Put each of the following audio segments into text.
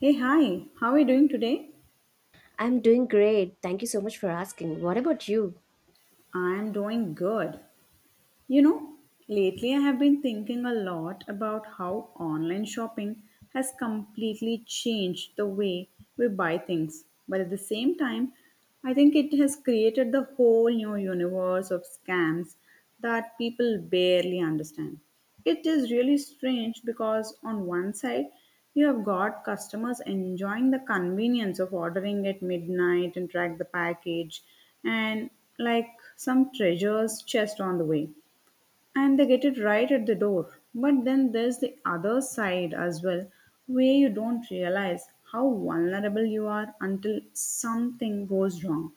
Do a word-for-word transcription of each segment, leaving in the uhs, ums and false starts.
Hey, hi, how are you doing today? I'm doing great. Thank you so much for asking. What about you? I'm doing good. You know, lately I have been thinking a lot about how online shopping has completely changed the way we buy things. But at the same time, I think it has created the whole new universe of scams that people barely understand. It is really strange because, on one side, you have got customers enjoying the convenience of ordering at midnight and track the package and like some treasures chest on the way and they get it right at the door. But then there's the other side as well, where you don't realize how vulnerable you are until something goes wrong.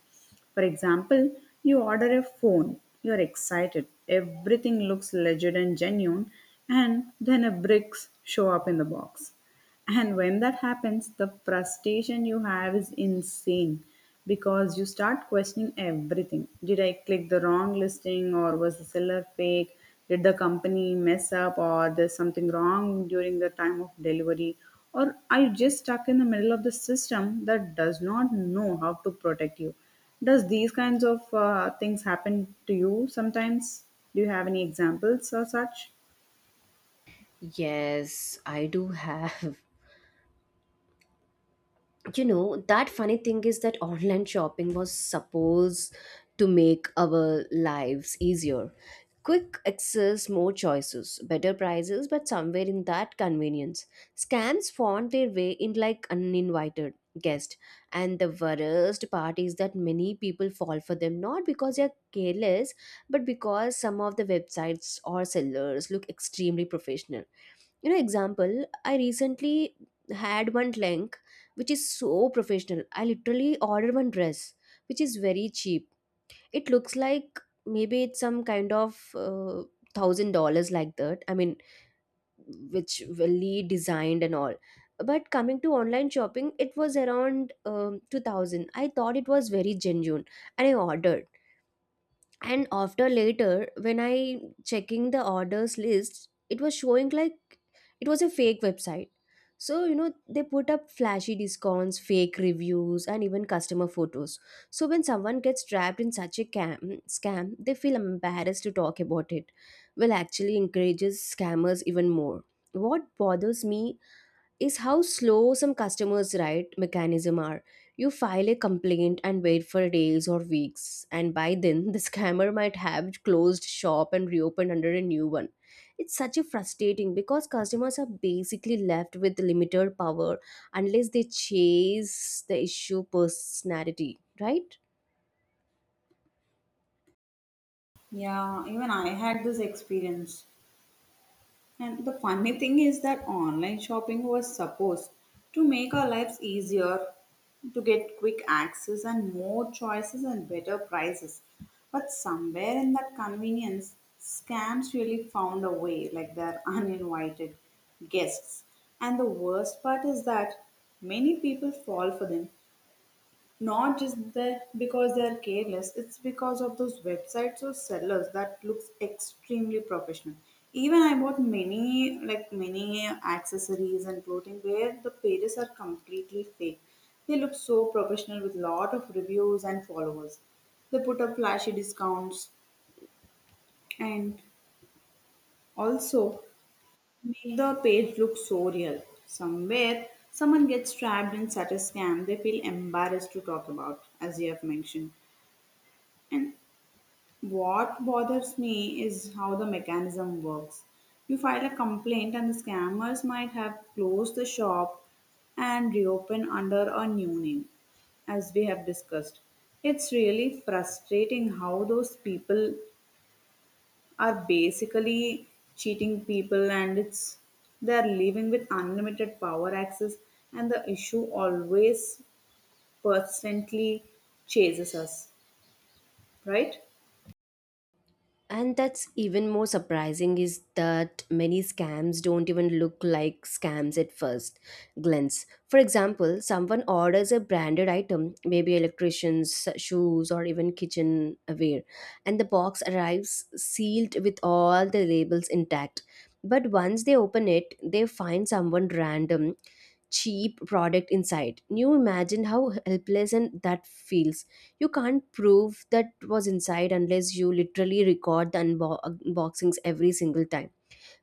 For example, you order a phone, you're excited, everything looks legit and genuine, and then a bricks show up in the box. And when that happens, the frustration you have is insane because you start questioning everything. Did I click the wrong listing or was the seller fake? Did the company mess up or there's something wrong during the time of delivery? Or are you just stuck in the middle of the system that does not know how to protect you? Does these kinds of uh, things happen to you sometimes? Do you have any examples or such? Yes, I do have. You know, that funny thing is that online shopping was supposed to make our lives easier, quick access, more choices, better prices, but somewhere in that convenience scams found their way in like uninvited guest. And the worst part is that many people fall for them not because they're careless, but because some of the websites or sellers look extremely professional. You know, example, I recently had one link which is so professional. I literally ordered one dress which is very cheap. It looks like maybe it's some kind of uh, thousand dollars like that, I mean, which really designed and all. But coming to online shopping, it was around um, two thousand. I thought it was very genuine and I ordered, and after later when I checking the orders list, it was showing like it was a fake website. So you know, they put up flashy discounts, fake reviews, and even customer photos. So when someone gets trapped in such a cam- scam, they feel embarrassed to talk about it, well, actually encourages scammers even more. What bothers me is how slow some customers' right mechanism are. You file a complaint and wait for days or weeks, and by then the scammer might have closed shop and reopened under a new one. It's such a frustrating because customers are basically left with limited power unless they chase the issue personality, right? Yeah, even I had this experience. And the funny thing is that online shopping was supposed to make our lives easier, to get quick access and more choices and better prices. But somewhere in that convenience, scams really found a way, like they're uninvited guests. And the worst part is that many people fall for them not just that because they are careless, it's because of those websites or sellers that looks extremely professional. Even I bought many like many accessories and clothing where the pages are completely fake. They look so professional with lot of reviews and followers. They put up flashy discounts and also make the page look so real. Somewhere someone gets trapped in such a scam, they feel embarrassed to talk about, as you have mentioned. And what bothers me is how the mechanism works. You file a complaint, and the scammers might have closed the shop and reopen under a new name, as we have discussed. It's really frustrating how those people are basically cheating people, and it's they're living with unlimited power access, and the issue always persistently chases us, right? And that's even more surprising is that many scams don't even look like scams at first glance. For example, someone orders a branded item, maybe electricians, shoes, or even kitchenware, and the box arrives sealed with all the labels intact. But once they open it, they find someone random cheap product inside. You imagine how helpless and that feels. You can't prove that was inside unless you literally record the unbo- unboxings every single time,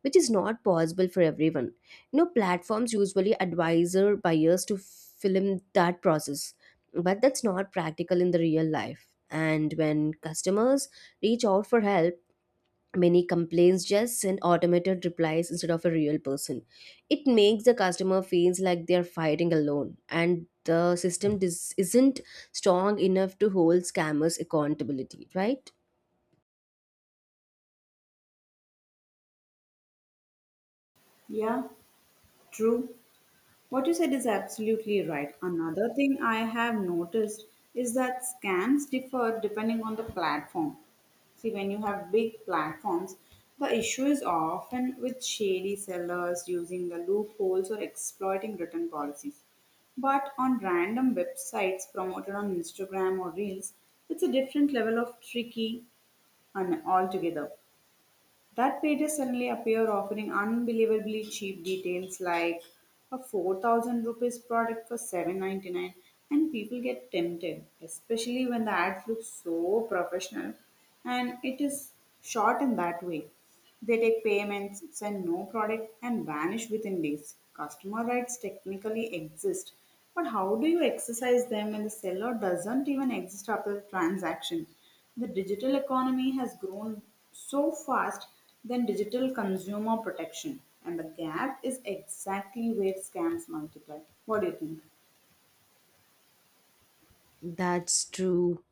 which is not possible for everyone. You know, platforms usually advise their buyers to film that process, but that's not practical in the real life. And when customers reach out for help, many complaints just send automated replies instead of a real person. It makes the customer feels like they are fighting alone, and the system dis- isn't strong enough to hold scammers accountability, right? Yeah, true. What you said is absolutely right. Another thing I have noticed is that scams differ depending on the platform. See, when you have big platforms, the issue is often with shady sellers using the loopholes or exploiting written policies. But on random websites promoted on Instagram or Reels, it's a different level of tricky and altogether. That pages suddenly appear offering unbelievably cheap details like a four thousand rupees product for seven ninety-nine, and people get tempted, especially when the ads look so professional and it is shot in that way. They take payments, send no product, and vanish within days. Customer rights technically exist, but how do you exercise them when the seller doesn't even exist after the transaction? The digital economy has grown so fast than digital consumer protection, and the gap is exactly where scams multiply. What do you think? That's true.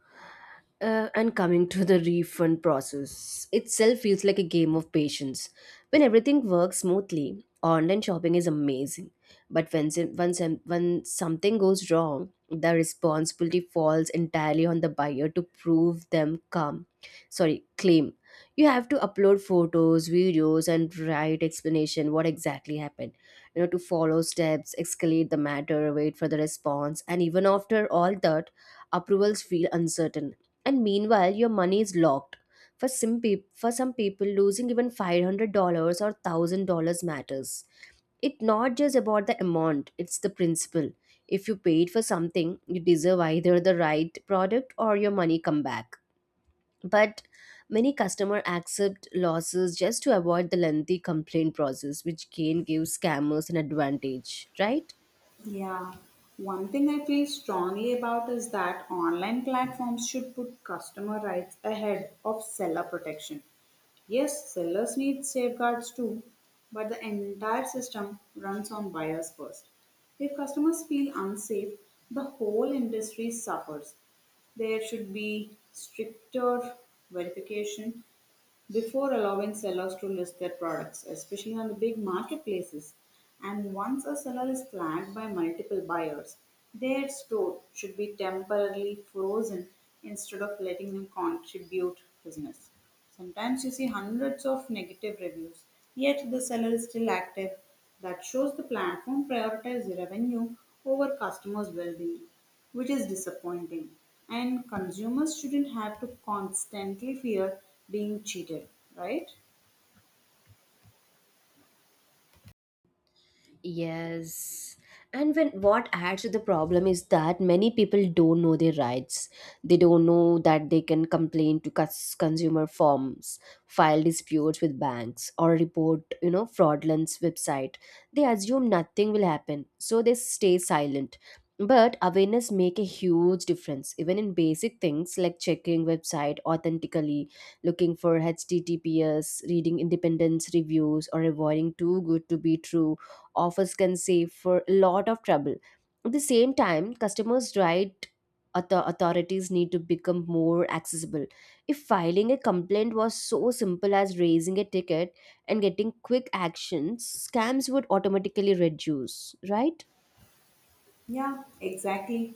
Uh, and coming to the refund process itself feels like a game of patience. When everything works smoothly, online shopping is amazing. But when, some- when, some- when something goes wrong, the responsibility falls entirely on the buyer to prove them come. Sorry, claim. You have to upload photos, videos, and write explanation what exactly happened. You know, to follow steps, escalate the matter, wait for the response, and even after all that, approvals feel uncertain and meanwhile your money is locked. For some peop for some people, losing even five hundred dollars or one thousand dollars matters. It's not just about the amount, it's the principle. If you paid for something, you deserve either the right product or your money come back. But many customer accept losses just to avoid the lengthy complaint process, which can give scammers an advantage, right? Yeah, one thing I feel strongly about is that online platforms should put customer rights ahead of seller protection. Yes, sellers need safeguards too, but the entire system runs on buyers first. If customers feel unsafe, the whole industry suffers. There should be stricter verification before allowing sellers to list their products, especially on the big marketplaces. And once a seller is flagged by multiple buyers, their store should be temporarily frozen instead of letting them contribute business. Sometimes you see hundreds of negative reviews, yet the seller is still active. That shows the platform prioritizes revenue over customers' well being, which is disappointing. And consumers shouldn't have to constantly fear being cheated, right? Yes. And when what adds to the problem is that many people don't know their rights. They don't know that they can complain to cus- consumer firms, file disputes with banks, or report, you know, fraudulent website. They assume nothing will happen, so they stay silent. But awareness make a huge difference, even in basic things like checking website authentically, looking for H T T P S, reading independence reviews, or avoiding too good to be true offers can save for a lot of trouble. At the same time, customers' right author- authorities need to become more accessible. If filing a complaint was so simple as raising a ticket and getting quick actions, scams would automatically reduce, right? Yeah, exactly.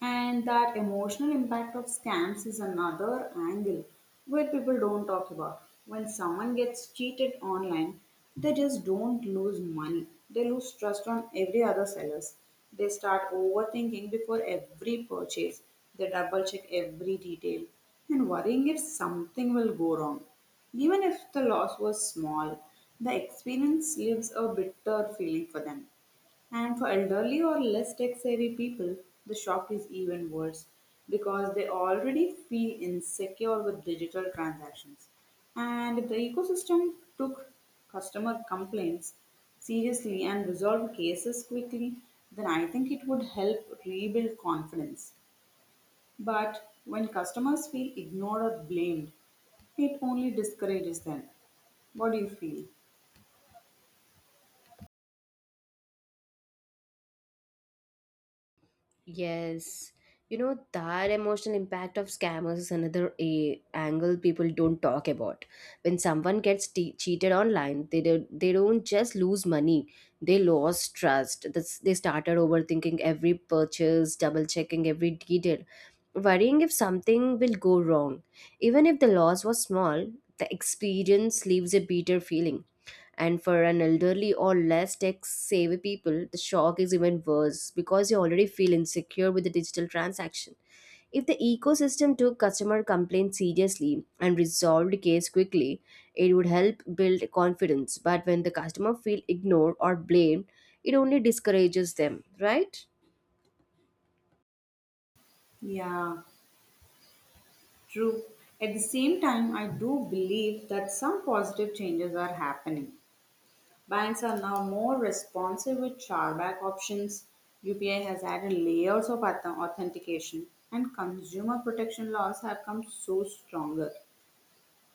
And that emotional impact of scams is another angle where people don't talk about. When someone gets cheated online, they just don't lose money. They lose trust on every other sellers. They start overthinking before every purchase. They double check every detail and worrying if something will go wrong. Even if the loss was small, the experience leaves a bitter feeling for them. And for elderly or less tech savvy people, the shock is even worse because they already feel insecure with digital transactions. And if the ecosystem took customer complaints seriously and resolved cases quickly, then I think it would help rebuild confidence. But when customers feel ignored or blamed, it only discourages them. What do you feel? Yes. You know, that emotional impact of scammers is another a angle people don't talk about. When someone gets te- cheated online, they do- they don't just lose money; they lost trust. This, they started overthinking every purchase, double checking every detail, worrying if something will go wrong. Even if the loss was small, the experience leaves a bitter feeling. And for an elderly or less tech savvy people, the shock is even worse because you already feel insecure with the digital transaction. If the ecosystem took customer complaints seriously and resolved case quickly, it would help build confidence. But when the customer feel ignored or blamed, it only discourages them, right? Yeah. True. At the same time, I do believe that some positive changes are happening. Banks are now more responsive with chargeback options. U P I has added layers of auth- authentication, and consumer protection laws have come so stronger.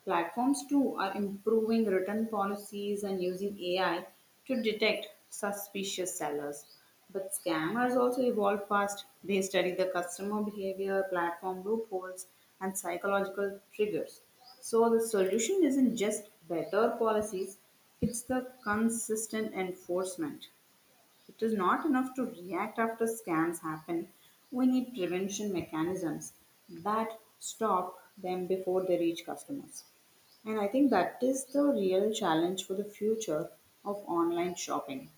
Platforms too are improving return policies and using A I to detect suspicious sellers. But scammers also evolve fast. They study the customer behavior, platform loopholes, and psychological triggers. So the solution isn't just better policies, it's the consistent enforcement. It is not enough to react after scams happen. We need prevention mechanisms that stop them before they reach customers. And I think that is the real challenge for the future of online shopping.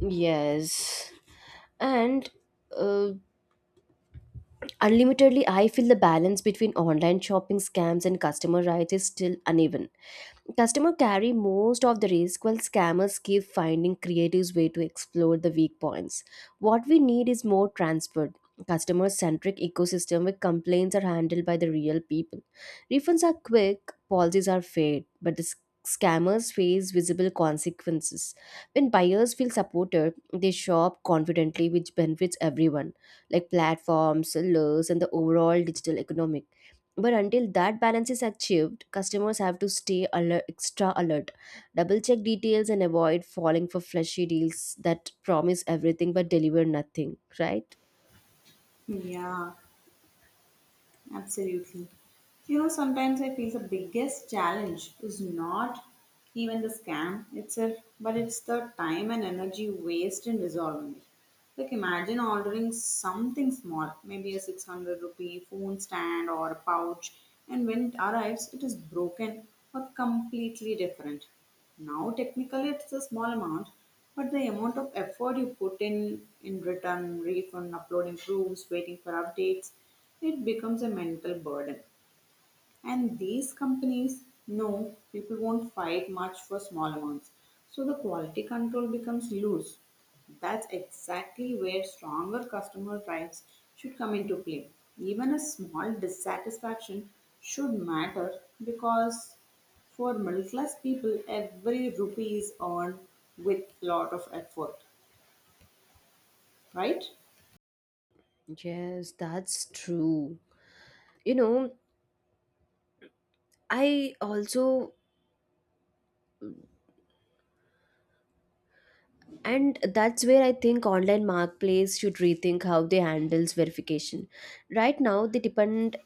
Yes. And uh, unlimitedly, I feel the balance between online shopping scams and customer rights is still uneven. Customer carry most of the risk while scammers keep finding creative way to exploit the weak points. What we need is more transparent, customer-centric ecosystem where complaints are handled by the real people. Refunds are quick, policies are fair, but the s- scammers face visible consequences. When buyers feel supported, they shop confidently, which benefits everyone like platforms, sellers, and the overall digital economic. But until that balance is achieved, customers have to stay alert, extra alert, double check details, and avoid falling for flashy deals that promise everything but deliver nothing, right? Yeah. Absolutely. You know, sometimes I feel the biggest challenge is not even the scam itself, but it's the time and energy waste in resolving it. Like, imagine ordering something small, maybe a six hundred rupee phone stand or a pouch, and when it arrives, it is broken or completely different. Now, technically, it's a small amount, but the amount of effort you put in in return, refund, uploading proofs, waiting for updates, it becomes a mental burden. And these companies know people won't fight much for small amounts. So the quality control becomes loose. That's exactly where stronger customer rights should come into play. Even a small dissatisfaction should matter because for middle class people, every rupee is earned with lot of effort, right? Yes, that's true. You know, I also and that's where I think online marketplace should rethink how they handles verification. Right now they depend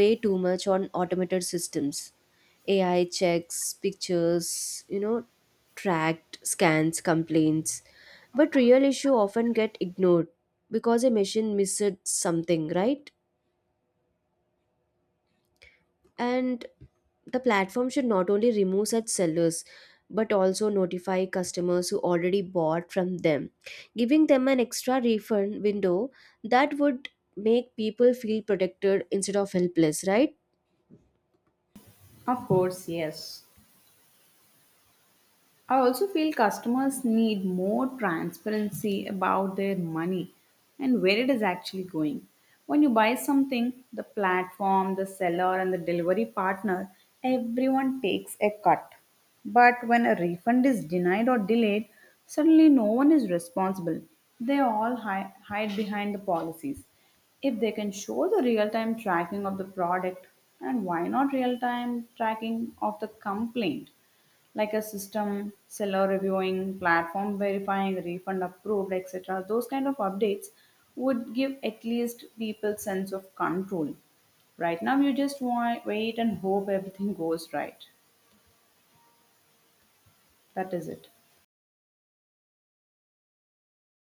way too much on automated systems, AI checks, pictures, you know, tracked scans, complaints, but real issue often get ignored because a machine missed something, right? And the platform should not only remove such sellers but also notify customers who already bought from them, giving them an extra refund window. That would make people feel protected instead of helpless, right? Of course, yes. I also feel customers need more transparency about their money and where it is actually going. When you buy something, the platform, the seller, and the delivery partner, everyone takes a cut. But when a refund is denied or delayed, suddenly no one is responsible. They all hi- hide behind the policies. If they can show the real time tracking of the product, and why not real time tracking of the complaint? Like a system seller reviewing, platform verifying, refund approved, etc., those kind of updates would give at least people sense of control. Right now you just wa- wait and hope everything goes right. That is it.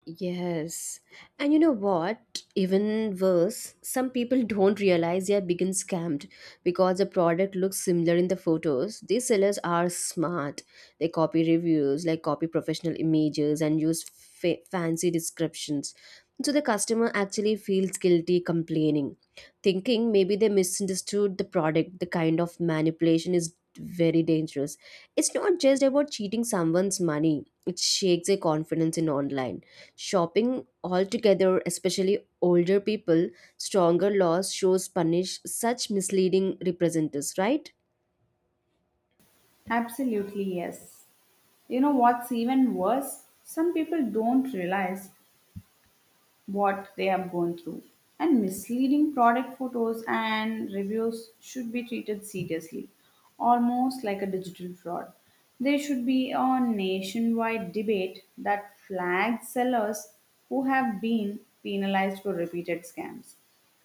Yes. And you know what? Even worse, some people don't realize they are being scammed because the product looks similar in the photos. These sellers are smart. They copy reviews, like copy professional images and use fa- fancy descriptions. So the customer actually feels guilty complaining, thinking maybe they misunderstood the product. The kind of manipulation is very dangerous. It's not just about cheating someone's money. It shakes their confidence in online shopping altogether, especially older people. Stronger laws shows punish such misleading representatives, right? Absolutely, yes. You know what's even worse? Some people don't realize what they have gone through. And misleading product photos and reviews should be treated seriously, almost like a digital fraud. There should be a nationwide debate that flags sellers who have been penalized for repeated scams.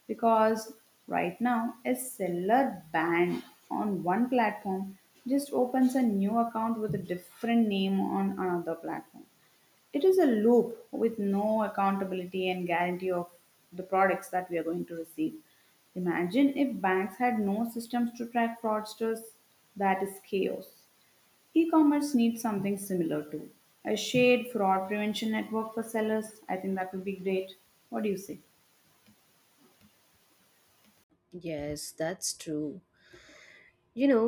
Because right now, a seller banned on one platform just opens a new account with a different name on another platform. It is a loop with no accountability and guarantee of the products that we are going to receive. Imagine if banks had no systems to track fraudsters. That is chaos. E commerce needs something similar to a shared fraud prevention network for sellers. I think that would be great. What do you say? Yes, that's true. You know,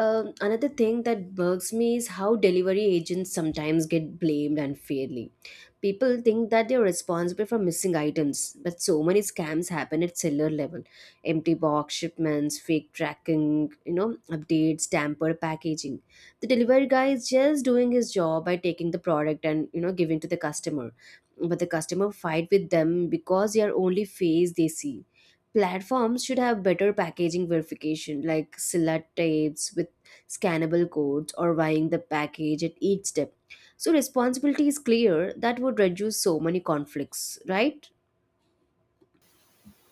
Um, another thing that bugs me is how delivery agents sometimes get blamed unfairly. People think that they're responsible for missing items, but so many scams happen at seller level. Empty box shipments, fake tracking, you know, updates, tampered packaging. The delivery guy is just doing his job by taking the product and, you know, giving to the customer. But the customer fight with them because they are only face they see. Platforms should have better packaging verification, like SILA tapes with scannable codes or buying the package at each step. So responsibility is clear. That would reduce so many conflicts, right?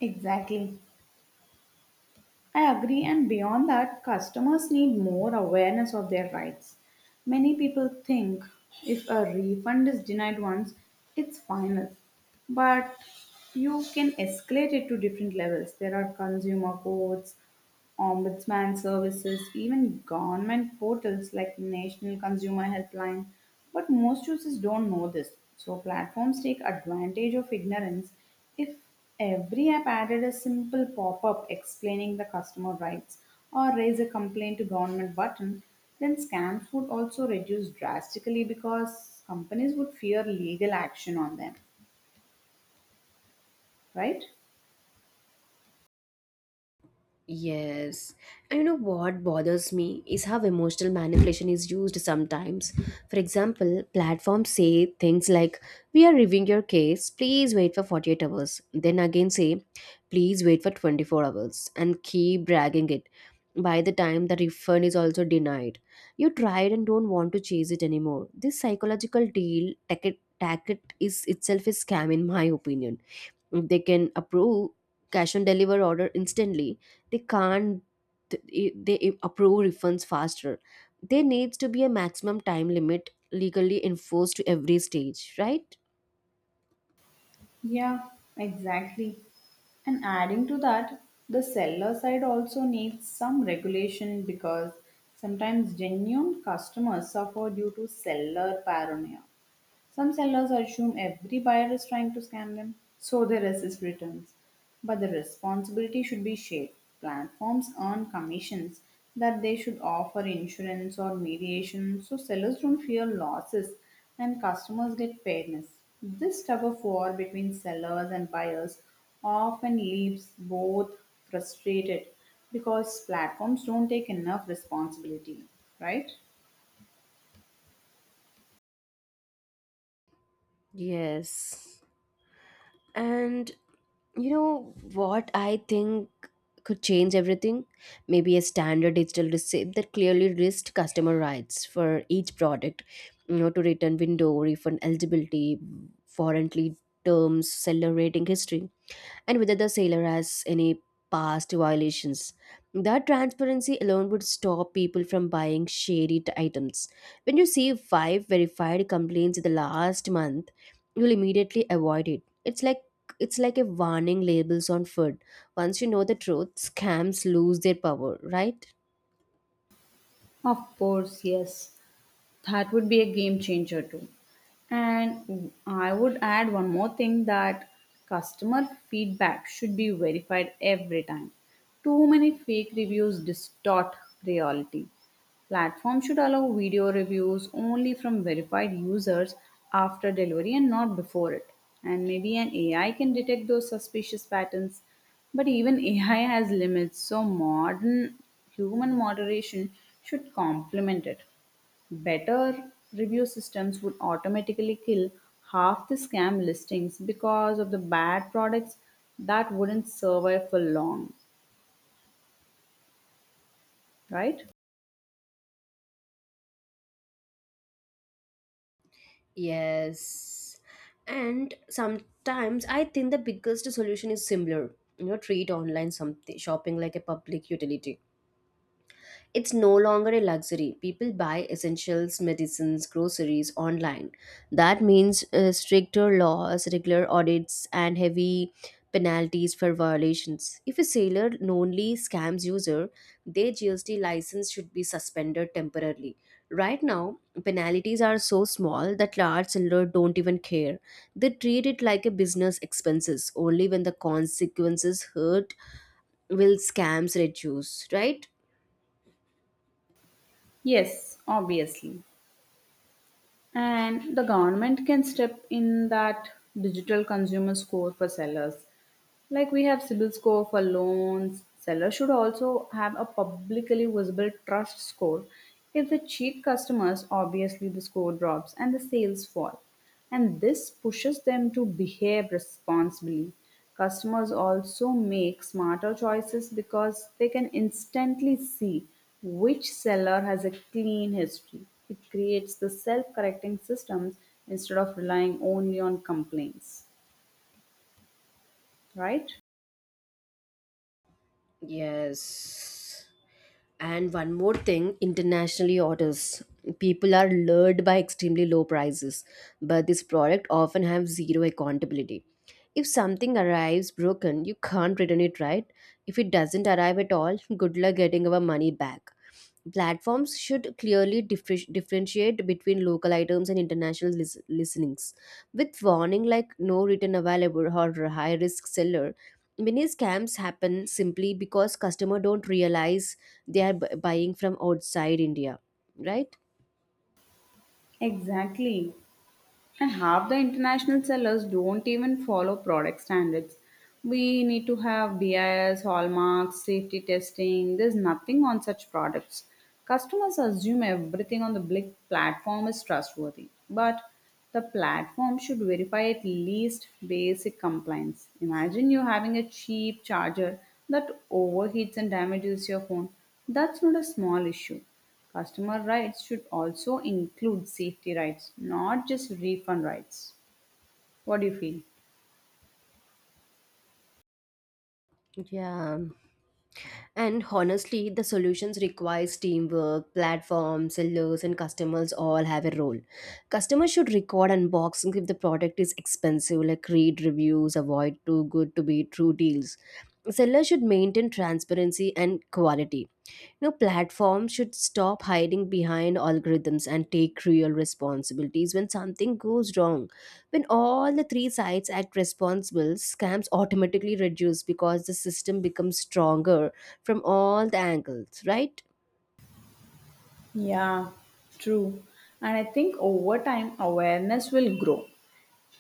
Exactly. I agree, and beyond that, customers need more awareness of their rights. Many people think if a refund is denied once, it's final. But you can escalate it to different levels. There are consumer courts, ombudsman services, even government portals like National Consumer Helpline. But most users don't know this. So platforms take advantage of ignorance. If every app added a simple pop-up explaining the customer rights or raise a complaint to government button, then scams would also reduce drastically because companies would fear legal action on them, right? Yes. And you know what bothers me is how emotional manipulation is used sometimes. For example, platforms say things like, we are reviewing your case, please wait for forty-eight hours. Then again say, please wait for twenty-four hours and keep dragging it. By the time the refund is also denied, you tried and don't want to chase it anymore. This psychological deal tactic, tactic is itself a scam, in my opinion. If they can approve cash on deliver order instantly, they can't. th- They approve refunds faster. There needs to be a maximum time limit legally enforced to every stage, right? Yeah, exactly. And adding to that, the seller side also needs some regulation because sometimes genuine customers suffer due to seller paranoia. Some sellers assume every buyer is trying to scam them, so they resist returns. But the responsibility should be shared. Platforms earn commissions that they should offer insurance or mediation so sellers don't fear losses and customers get fairness. This type of war between sellers and buyers often leaves both frustrated because platforms don't take enough responsibility, right? Yes. And you know what I think could change everything? Maybe a standard digital receipt that clearly lists customer rights for each product, you know, to return window, refund eligibility, warranty terms, seller rating history, and whether the sailor has any past violations. That transparency alone would stop people from buying shady t- items. When you see five verified complaints in the last month, you'll immediately avoid it. It's like it's like a warning labels on food. Once you know the truth, scams lose their power, right? Of course, yes. That would be a game changer too. And I would add one more thing that customer feedback should be verified every time. Too many fake reviews distort reality. Platform should allow video reviews only from verified users after delivery and not before it. And maybe an A I can detect those suspicious patterns, but even A I has limits, so modern human moderation should complement it. Better review systems would automatically kill half the scam listings because of the bad products that wouldn't survive for long, right? Yes. And sometimes I think the biggest solution is similar. You know, treat online something shopping like a public utility. It's no longer a luxury. People buy essentials, medicines, groceries online. That means uh, stricter laws, regular audits, and heavy penalties for violations. If a seller knowingly scams user, their G S T license should be suspended temporarily. Right now, penalties are so small that large sellers don't even care. They treat it like a business expenses. Only when the consequences hurt will scams reduce, right? Yes, obviously. And the government can step in that digital consumer score for sellers. Like we have C I B I L score for loans, sellers should also have a publicly visible trust score. If they cheat customers, obviously the score drops and the sales fall. And this pushes them to behave responsibly. Customers also make smarter choices because they can instantly see which seller has a clean history. It creates the self-correcting systems instead of relying only on complaints, right? Yes. And one more thing, internationally orders. People are lured by extremely low prices, but this product often have zero accountability. If something arrives broken, you can't return it right. If it doesn't arrive at all, good luck getting our money back. Platforms should clearly differ- differentiate between local items and international lis- listings. With warning like no return available or high risk seller, many scams happen simply because customers don't realize they are bu- buying from outside India, right? Exactly. And half the international sellers don't even follow product standards. We need to have B I S, hallmarks, safety testing. There's nothing on such products. Customers assume everything on the big platform is trustworthy, but the platform should verify at least basic compliance. Imagine you having a cheap charger that overheats and damages your phone. That's not a small issue. Customer rights should also include safety rights, not just refund rights. What do you feel? Yeah. And honestly, the solutions requires teamwork, platforms, sellers, and customers all have a role. Customers should record unboxing if the product is expensive, like read reviews, avoid too good to be true deals. Sellers should maintain transparency and quality. Now, platforms should stop hiding behind algorithms and take real responsibilities when something goes wrong. When all the three sides act responsible, scams automatically reduce because the system becomes stronger from all the angles, right? Yeah, true. And I think over time, awareness will grow.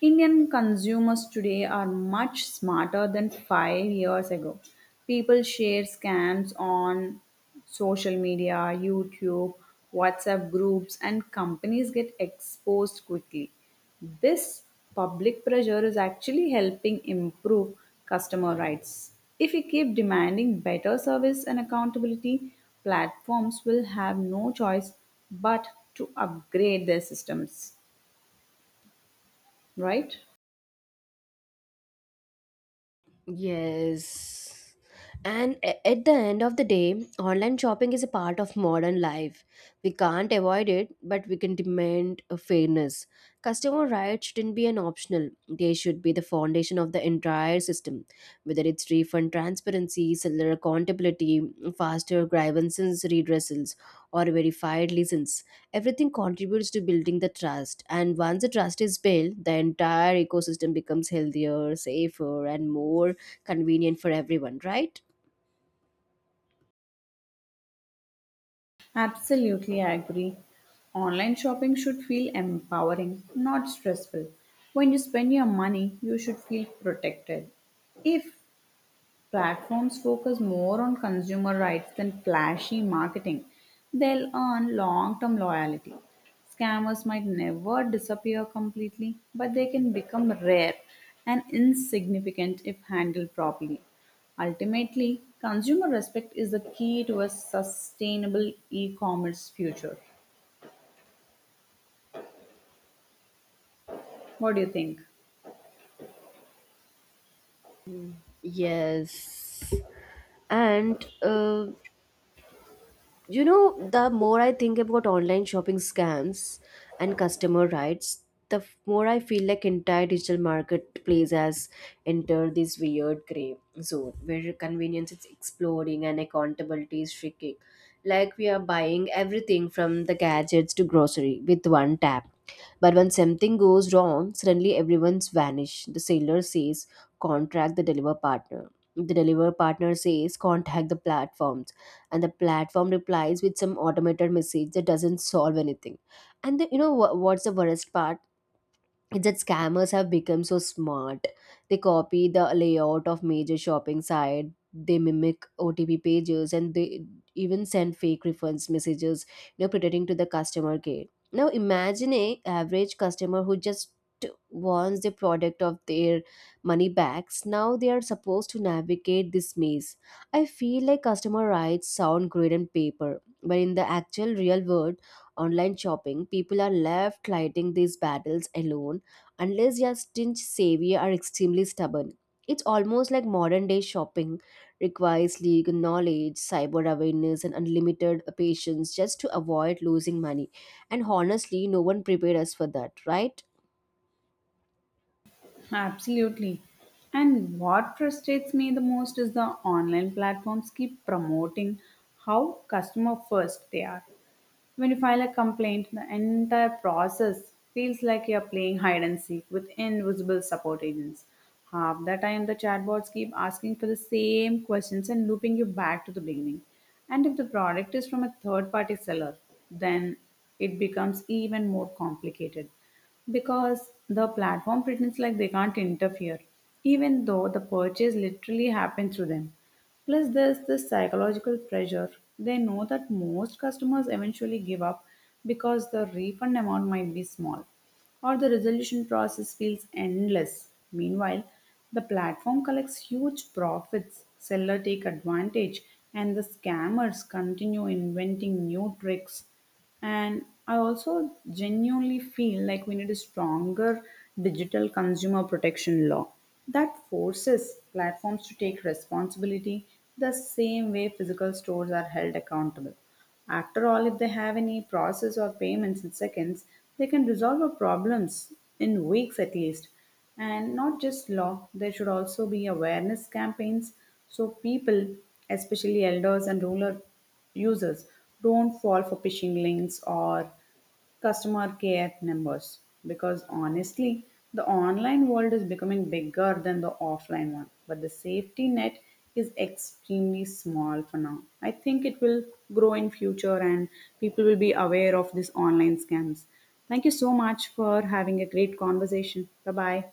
Indian consumers today are much smarter than five years ago. People share scams on social media, YouTube, WhatsApp groups, and companies get exposed quickly. This public pressure is actually helping improve customer rights. If we keep demanding better service and accountability, platforms will have no choice but to upgrade their systems, right? Yes. And a- at the end of the day, online shopping is a part of modern life. We can't avoid it, but we can demand a fairness. Customer rights shouldn't be an optional, they should be the foundation of the entire system. Whether it's refund transparency, seller accountability, faster grievances redressals, or verified license, everything contributes to building the trust. And once the trust is built, the entire ecosystem becomes healthier, safer, and more convenient for everyone, right? Absolutely, I agree. Online shopping should feel empowering, not stressful. When you spend your money, you should feel protected. If platforms focus more on consumer rights than flashy marketing, they'll earn long term loyalty. Scammers might never disappear completely, but they can become rare and insignificant if handled properly. Ultimately, consumer respect is the key to a sustainable e commerce future. What do you think? Yes. And uh, you know, the more I think about online shopping scams and customer rights, the f- more I feel like entire digital marketplace has entered this weird gray zone where convenience is exploding and accountability is shrinking. Like we are buying everything from the gadgets to grocery with one tap, but when something goes wrong, suddenly everyone's vanished. The seller says contact the deliver partner, the deliver partner says contact the platform, and the platform replies with some automated message that doesn't solve anything. And the, you know wha- what's the worst part, it's that scammers have become so smart. They copy the layout of major shopping sites, they mimic O T P pages, and they even send fake refunds messages, you know, pretending to the customer care. Now imagine a average customer who just wants the product of their money backs. Now they are supposed to navigate this maze. I feel like customer rights sound great on paper, but in the actual real world, online shopping, people are left fighting these battles alone unless your stingy savior are extremely stubborn. It's almost like modern day shopping requires legal knowledge, cyber awareness, and unlimited patience just to avoid losing money. And honestly, no one prepared us for that, right? Absolutely. And what frustrates me the most is the online platforms keep promoting how customer first they are. When you file a complaint, the entire process feels like you're playing hide and seek with invisible support agents. Half the time, the chatbots keep asking for the same questions and looping you back to the beginning. And if the product is from a third party seller, then it becomes even more complicated because the platform pretends like they can't interfere, even though the purchase literally happened through them. Plus, there's this psychological pressure. They know that most customers eventually give up because the refund amount might be small or the resolution process feels endless. Meanwhile, the platform collects huge profits, seller take advantage, and the scammers continue inventing new tricks and I also genuinely feel like we need a stronger digital consumer protection law that forces platforms to take responsibility the same way physical stores are held accountable. After all, if they have any process or payments in seconds, they can resolve our problems in weeks at least. And not just law, there should also be awareness campaigns so people, especially elders and rural users don't fall for phishing links or customer care numbers because honestly, the online world is becoming bigger than the offline one, but the safety net is extremely small for now. I think it will grow in future and people will be aware of these online scams. Thank you so much for having a great conversation. Bye bye.